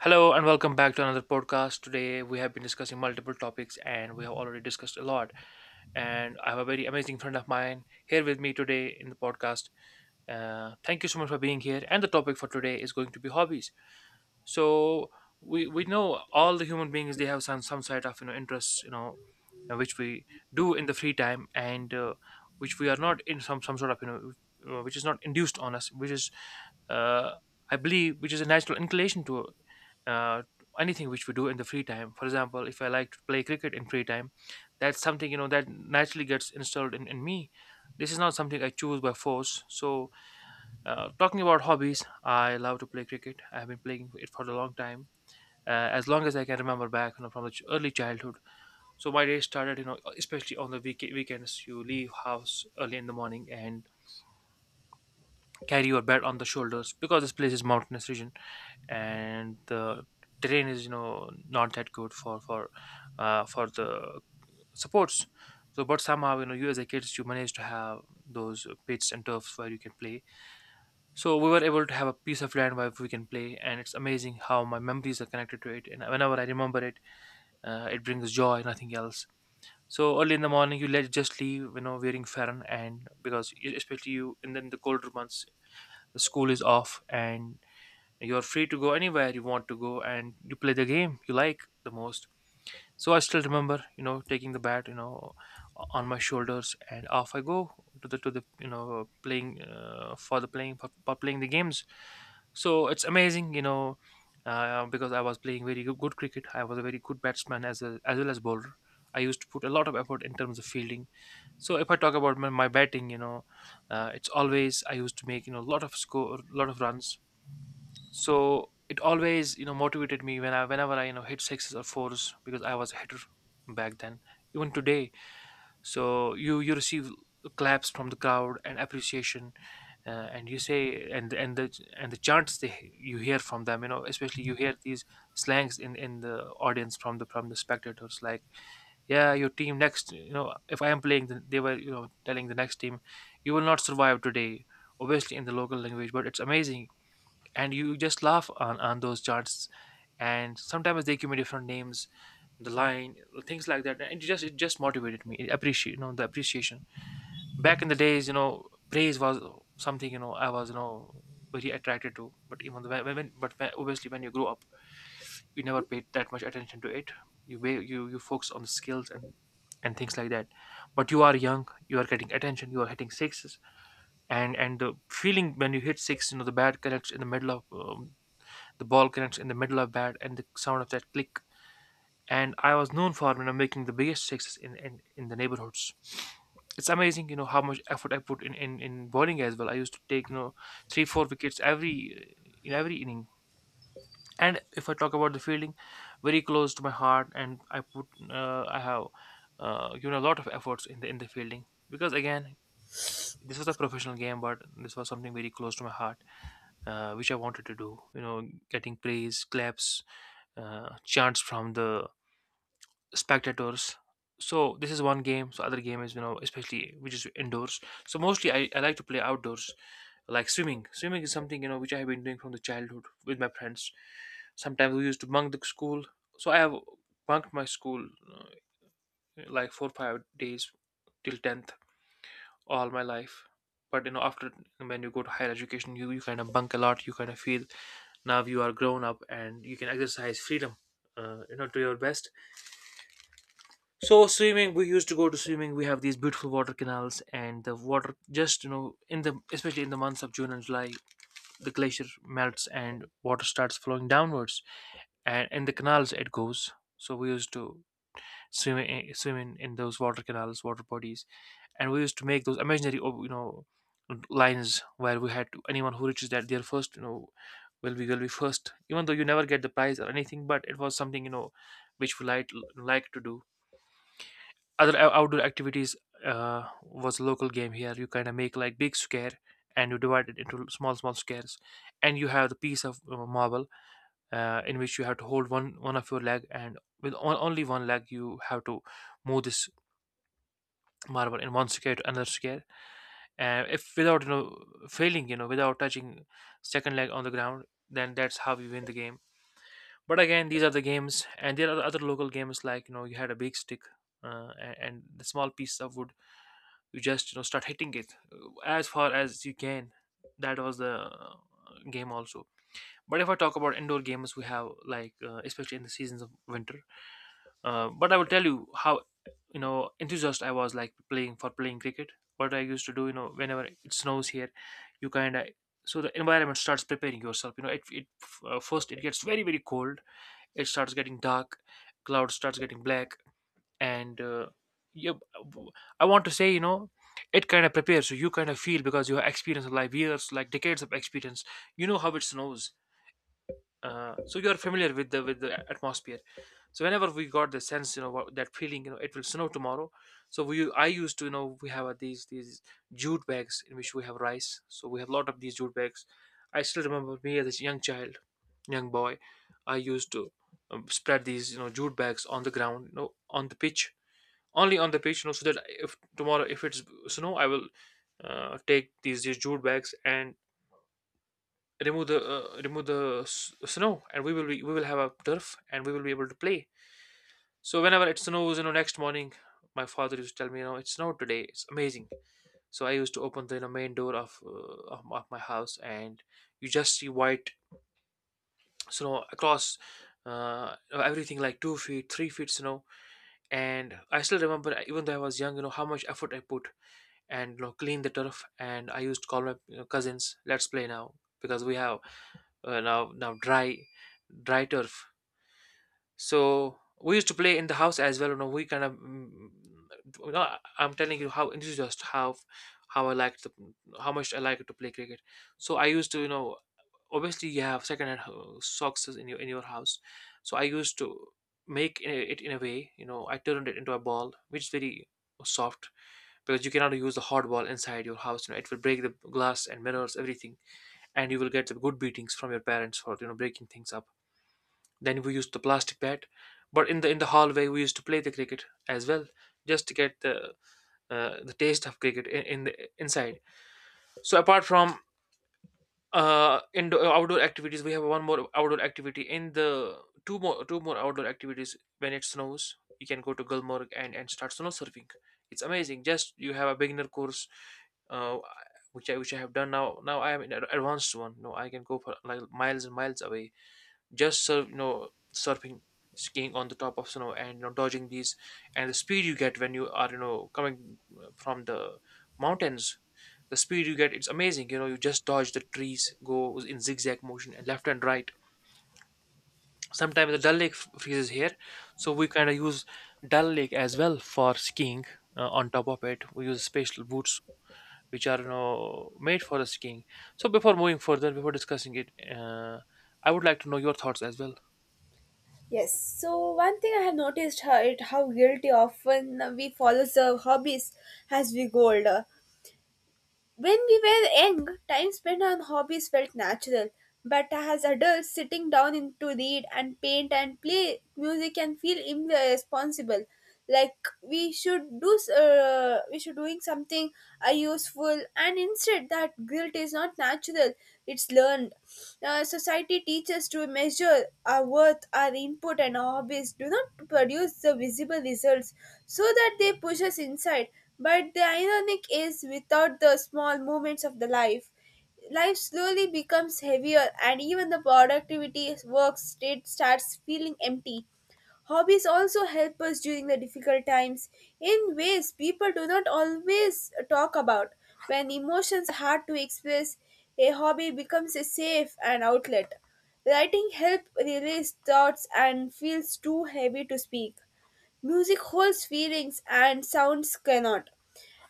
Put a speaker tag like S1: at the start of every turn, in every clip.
S1: Hello and welcome back to another podcast. Today we have been discussing multiple topics, and we have already discussed a lot. And I have a very amazing friend of mine here with me today in the podcast. Thank you so much for being here. And the topic for today is going to be hobbies, so we know all the human beings, they have some sort of, you know, interests, you know, which we do in the free time, and which we are not, in some sort of, you know, which is not induced on us, which is uh, I believe, which is a natural inclination to uh, anything which we do in the free time. For example, if I like to play cricket in free time, that's something, you know, that naturally gets installed in me. This is not something I choose by force. So talking about hobbies, I love to play cricket. I have been playing it for a long time, as long as I can remember back, you know, from the early childhood. So my day started, you know, especially on the weekends. You leave house early in the morning and carry your bat on the shoulders, because this place is mountainous region, and the terrain is, you know, not that good for for the supports. So, but somehow, you know, you as a kids, you manage to have those pits and turfs where you can play. So we were able to have a piece of land where we can play, and it's amazing how my memories are connected to it. And whenever I remember it, it brings joy, nothing else. So early in the morning, you let just leave, you know, wearing farron, and because you- especially you, and then the colder months, the school is off, and you're free to go anywhere you want to go, and you play the game you like the most. So I still remember, you know, taking the bat, you know, on my shoulders, and off I go to the you know playing for the playing for playing the games. So it's amazing, you know, because I was playing very good cricket. I was a very good batsman, as as well as bowler. I used to put a lot of effort in terms of fielding. So if I talk about my batting, you know, it's always I used to make, you know, a lot of score, lot of runs. So it always, you know, motivated me when I whenever I you know hit sixes or fours, because I was a hitter back then, even today. So you receive claps from the crowd and appreciation, and you say and the chants they you hear from them, you know, especially you hear these slangs in the audience from the spectators, like, yeah, your team next, you know, if I am playing, then they were, you know, telling the next team, you will not survive today. Obviously in the local language, but it's amazing. And you just laugh on those charts. And sometimes they give me different names, the line, things like that. And it just motivated me, it appreciate, you know, the appreciation. Back in the days, you know, praise was something, you know, I was, you know, very attracted to, but even the women. But obviously when you grow up, you never paid that much attention to it. You you focus on the skills and things like that. But you are young, you are getting attention, you are hitting sixes. And the feeling when you hit six, you know, the bad connects in the middle of the ball connects in the middle of bat, and the sound of that click. And I was known for, you know, making the biggest sixes in the neighborhoods. It's amazing, you know, how much effort I put in bowling as well. I used to take, you know, three, four wickets every in every inning. And if I talk about the fielding, very close to my heart, and I put, I have given a lot of efforts in the fielding, because again, this was a professional game, but this was something very close to my heart, which I wanted to do. You know, getting praise, claps, chants from the spectators. So this is one game. So other game is, you know, especially which is indoors. So mostly I like to play outdoors, like swimming. Swimming is something, you know, which I have been doing from the childhood with my friends. Sometimes we used to bunk the school. So I have bunked my school uh, like 4 5 days till tenth all my life. But you know, after when you go to higher education, you kind of bunk a lot. You kind of feel now you are grown up and you can exercise freedom. You know, to your best. So swimming, we used to go to swimming. We have these beautiful water canals, and the water just you know in the especially in the months of June and July, the glacier melts and water starts flowing downwards, and in the canals it goes. So we used to swimming, swimming in those water canals, water bodies, and we used to make those imaginary, oh, you know, lines where we had to, anyone who reaches that there first, you know, will be first. Even though you never get the prize or anything, but it was something, you know, which we like to do. Other outdoor activities was a local game here. You kind of make like big square, and you divide it into small squares, and you have the piece of marble in which you have to hold one of your leg, and only one leg you have to move this marble in one square to another square. And if without, you know, failing, you know, without touching second leg on the ground, then that's how you win the game. But again, these are the games, and there are other local games, like, you know, you had a big stick and the small piece of wood, you just, you know, start hitting it as far as you can. That was the game also. But if I talk about indoor games, we have, like, especially in the seasons of winter, but I will tell you how, you know, enthusiast I was, like playing for playing cricket. What I used to do, you know, whenever it snows here, you kind of, so the environment starts preparing yourself. You know, it first, it gets very cold. It starts getting dark, cloud starts getting black, and yeah, I want to say, you know, it kind of prepares you. You kind of feel, because you have experience of life years, like decades of experience. You know how it snows, so you are familiar with the atmosphere. So whenever we got the sense, you know what, that feeling, you know, it will snow tomorrow. So we I used to, you know, we have these jute bags in which we have rice, so we have a lot of these jute bags. I still remember me as a young child, young boy, I used to spread these, you know, jute bags on the ground, you know, on the pitch, only on the pitch, you know, so that if tomorrow if it's snow, I will take these jute bags, and remove the snow, and we will have a turf, and we will be able to play. So whenever it snows, you know, next morning, my father used to tell me, you know, it snowed today, it's amazing. So I used to open the, you know, main door of of my house, and you just see white snow across everything, like 2 feet 3 feet snow. And I still remember, even though I was young, you know, how much effort I put, and you know, clean the turf, and I used to call my, you know, cousins, let's play now, because we have now dry turf. So we used to play in the house as well, you know, we kind of you know, am telling you how this is just how I like to how much I like to play cricket. So I used to, you know, obviously you have second hand socks in your house. So I used to make i- it in a way, you know, I turned it into a ball which is very soft, because you cannot use the hard ball inside your house, you know, it will break the glass and mirrors everything, and you will get the good beatings from your parents for, you know, breaking things up. Then we used the plastic bat, but in the hallway we used to play the cricket as well, just to get the taste of cricket in the inside. So apart from indoor outdoor activities, we have one more outdoor activity in the two more outdoor activities when it snows. You can go to Gulmarg and start snow surfing. It's amazing. Just you have a beginner course uh, which I have done now. Now I am in an advanced one. No, I can go for like miles and miles away, just you know surfing, skiing on the top of snow, and you know, dodging these, and the speed you get when you are, you know, coming from the mountains, the speed you get, it's amazing, you know, you just dodge the trees, go in zigzag motion and left and right. Sometimes the Dal Lake freezes here, so we kind of use Dal Lake as well for skiing. On top of it, we use special boots which are, you know, made for skiing. So before moving further, before discussing it, uh, I would like to know your thoughts as well.
S2: Yes. So one thing I have noticed how it how guilty often we follow the hobbies as we go older. When we were young, time spent on hobbies felt natural, but as adults, sitting down to read and paint and play music can feel irresponsible. Like we should do, we should doing something useful, and instead that guilt is not natural; it's learned. Society teaches to measure our worth, our input, and our hobbies do not produce the visible results, so that they push us inside. But the ironic is, without the small moments of the life, life slowly becomes heavier, and even the productivity work state starts feeling empty. Hobbies also help us during the difficult times in ways people do not always talk about. When emotions are hard to express, a hobby becomes a safe and outlet. Writing helps release thoughts and feels too heavy to speak. Music holds feelings and sounds cannot.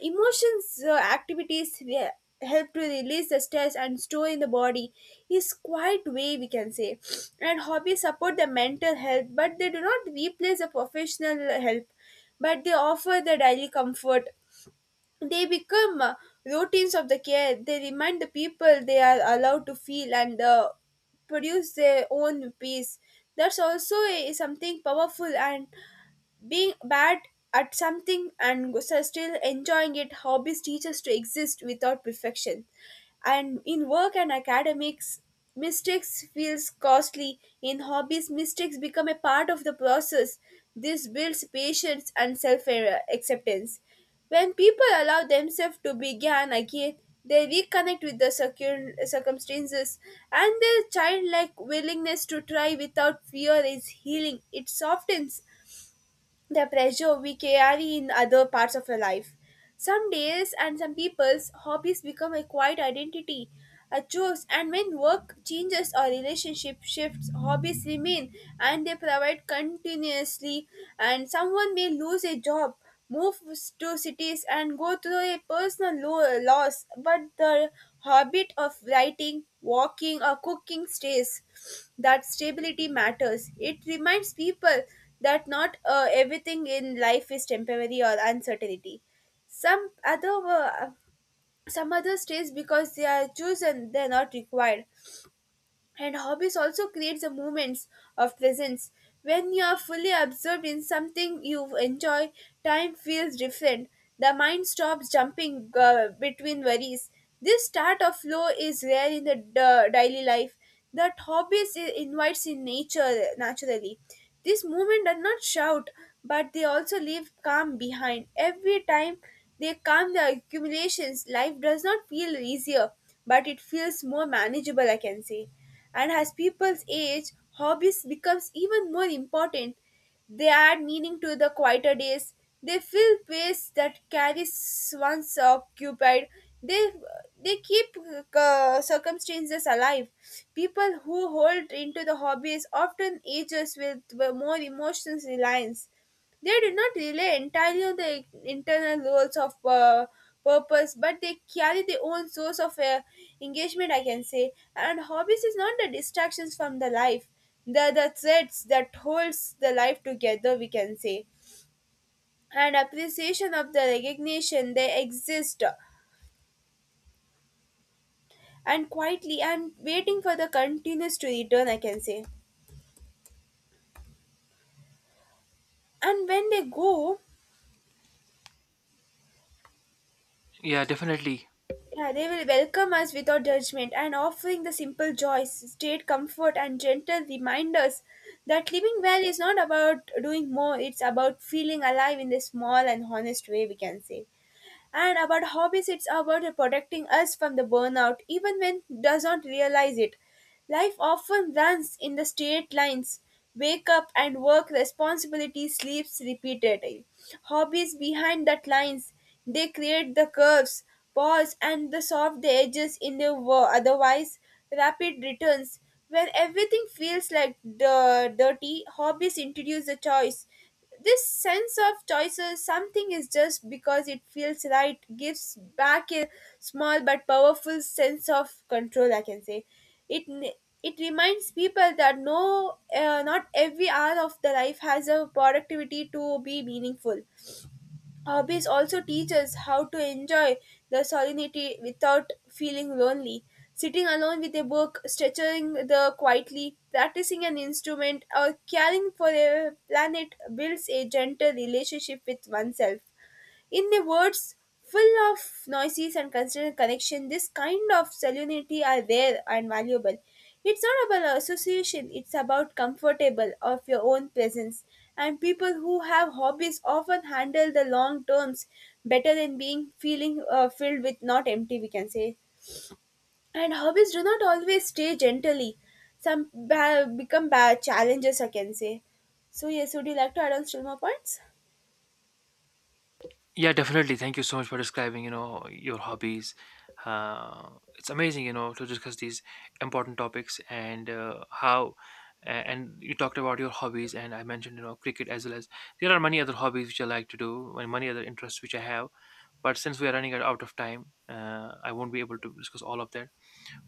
S2: Emotions activities help to release the stress and store in the body is quite way we can say, and hobbies support the mental health, but they do not replace the professional help, but they offer the daily comfort. They become routines of the care. They remind the people they are allowed to feel and produce their own peace. That's also something powerful. And being bad at something and so still enjoying it, hobbies teach us to exist without perfection. And in work and academics, mistakes feels costly. In hobbies, mistakes become a part of the process. This builds patience and self-acceptance. When people allow themselves to begin again, they reconnect with the circumstances, and their childlike willingness to try without fear is healing. It softens the pressure we carry in other parts of our life. Some days and some people's hobbies become a quiet identity, a choice, and when work changes or relationship shifts, hobbies remain and they provide continuously. And someone may lose a job, move to cities, and go through a personal loss, but the habit of writing, walking, or cooking stays. That stability matters. It reminds people that not everything in life is temporary or uncertainty. Some other uh, some other stays because they are chosen; they are not required. And hobbies also creates the moments of presence. When you are fully absorbed in something you enjoy, time feels different. The mind stops jumping between worries. This start of flow is rare in the daily life. That hobbies invites in nature naturally. This movement does not shout, but they also leave calm behind. Every time they calm the accumulations, life does not feel easier, but it feels more manageable, I can say. And as people's age, hobbies becomes even more important. They add meaning to the quieter days. They fill space that carries once occupied. They they keep circumstances alive. People who hold into the hobbies often ages with more emotional reliance. They do not rely entirely on the internal roles of purpose, but they carry their own source of engagement, I can say. And hobbies is not the distractions from the life, the threads that holds the life together, we can say. And appreciation of the recognition, they exist and quietly and waiting for the continuous to return, I can say. And when they go,
S1: Yeah, definitely.
S2: yeah, they will welcome us without judgment and offering the simple joys, state comfort, and gentle reminders that living well is not about doing more, it's about feeling alive in the small and honest way, we can say. And about hobbies, it's about protecting us from the burnout, even when doesn't realize it. Life often runs in the straight lines. Wake up and work, responsibility sleeps repeatedly. Hobbies behind that lines, they create the curves, pause, and the soft edges in the otherwise rapid returns. When everything feels like the dirty, hobbies introduce a choice. This sense of choices, something is just because it feels right, gives back a small but powerful sense of control. I can say, it n- it reminds people that no, not every hour of the life has a productivity to be meaningful. Hobbies also teach us how to enjoy the solitude without feeling lonely. Sitting alone with a book, stretching the quietly, practicing an instrument, or caring for a planet builds a gentle relationship with oneself. In the words, full of noises and constant connection, this kind of salinity are rare and valuable. It's not about association, it's about comfortable of your own presence. And people who have hobbies often handle the long terms better than being feeling filled with not empty, we can say. And hobbies do not always stay gently. Some become bad challenges, I can say. So yes, would you like to add on still more points?
S1: Yeah, definitely. Thank you so much for describing, you know, your hobbies. Uh, it's amazing, you know, to discuss these important topics, and how. And you talked about your hobbies, and I mentioned, you know, cricket, as well as there are many other hobbies which I like to do, and many other interests which I have. But since we are running out of time, I won't be able to discuss all of that.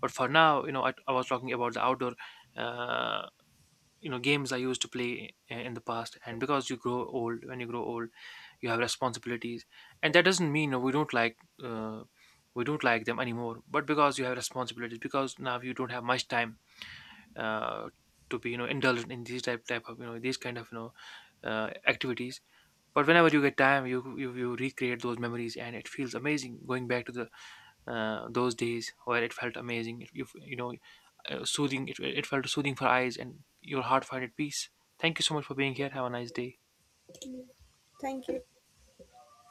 S1: But for now, you know, I was talking about the outdoor uh, you know games I used to play in the past. And because you grow old, when you grow old, you have responsibilities, and that doesn't mean uh, we don't like them anymore, but because you have responsibilities, because now you don't have much time uh, to be, you know, indulgent in these type of, you know, these kind of, you know, activities. But whenever you get time, you recreate those memories, and it feels amazing going back to the those days where it felt amazing. If you, you know, soothing. It felt soothing for eyes, and your heart find it peace. Thank you so much for being here. Have a nice day.
S2: Thank you.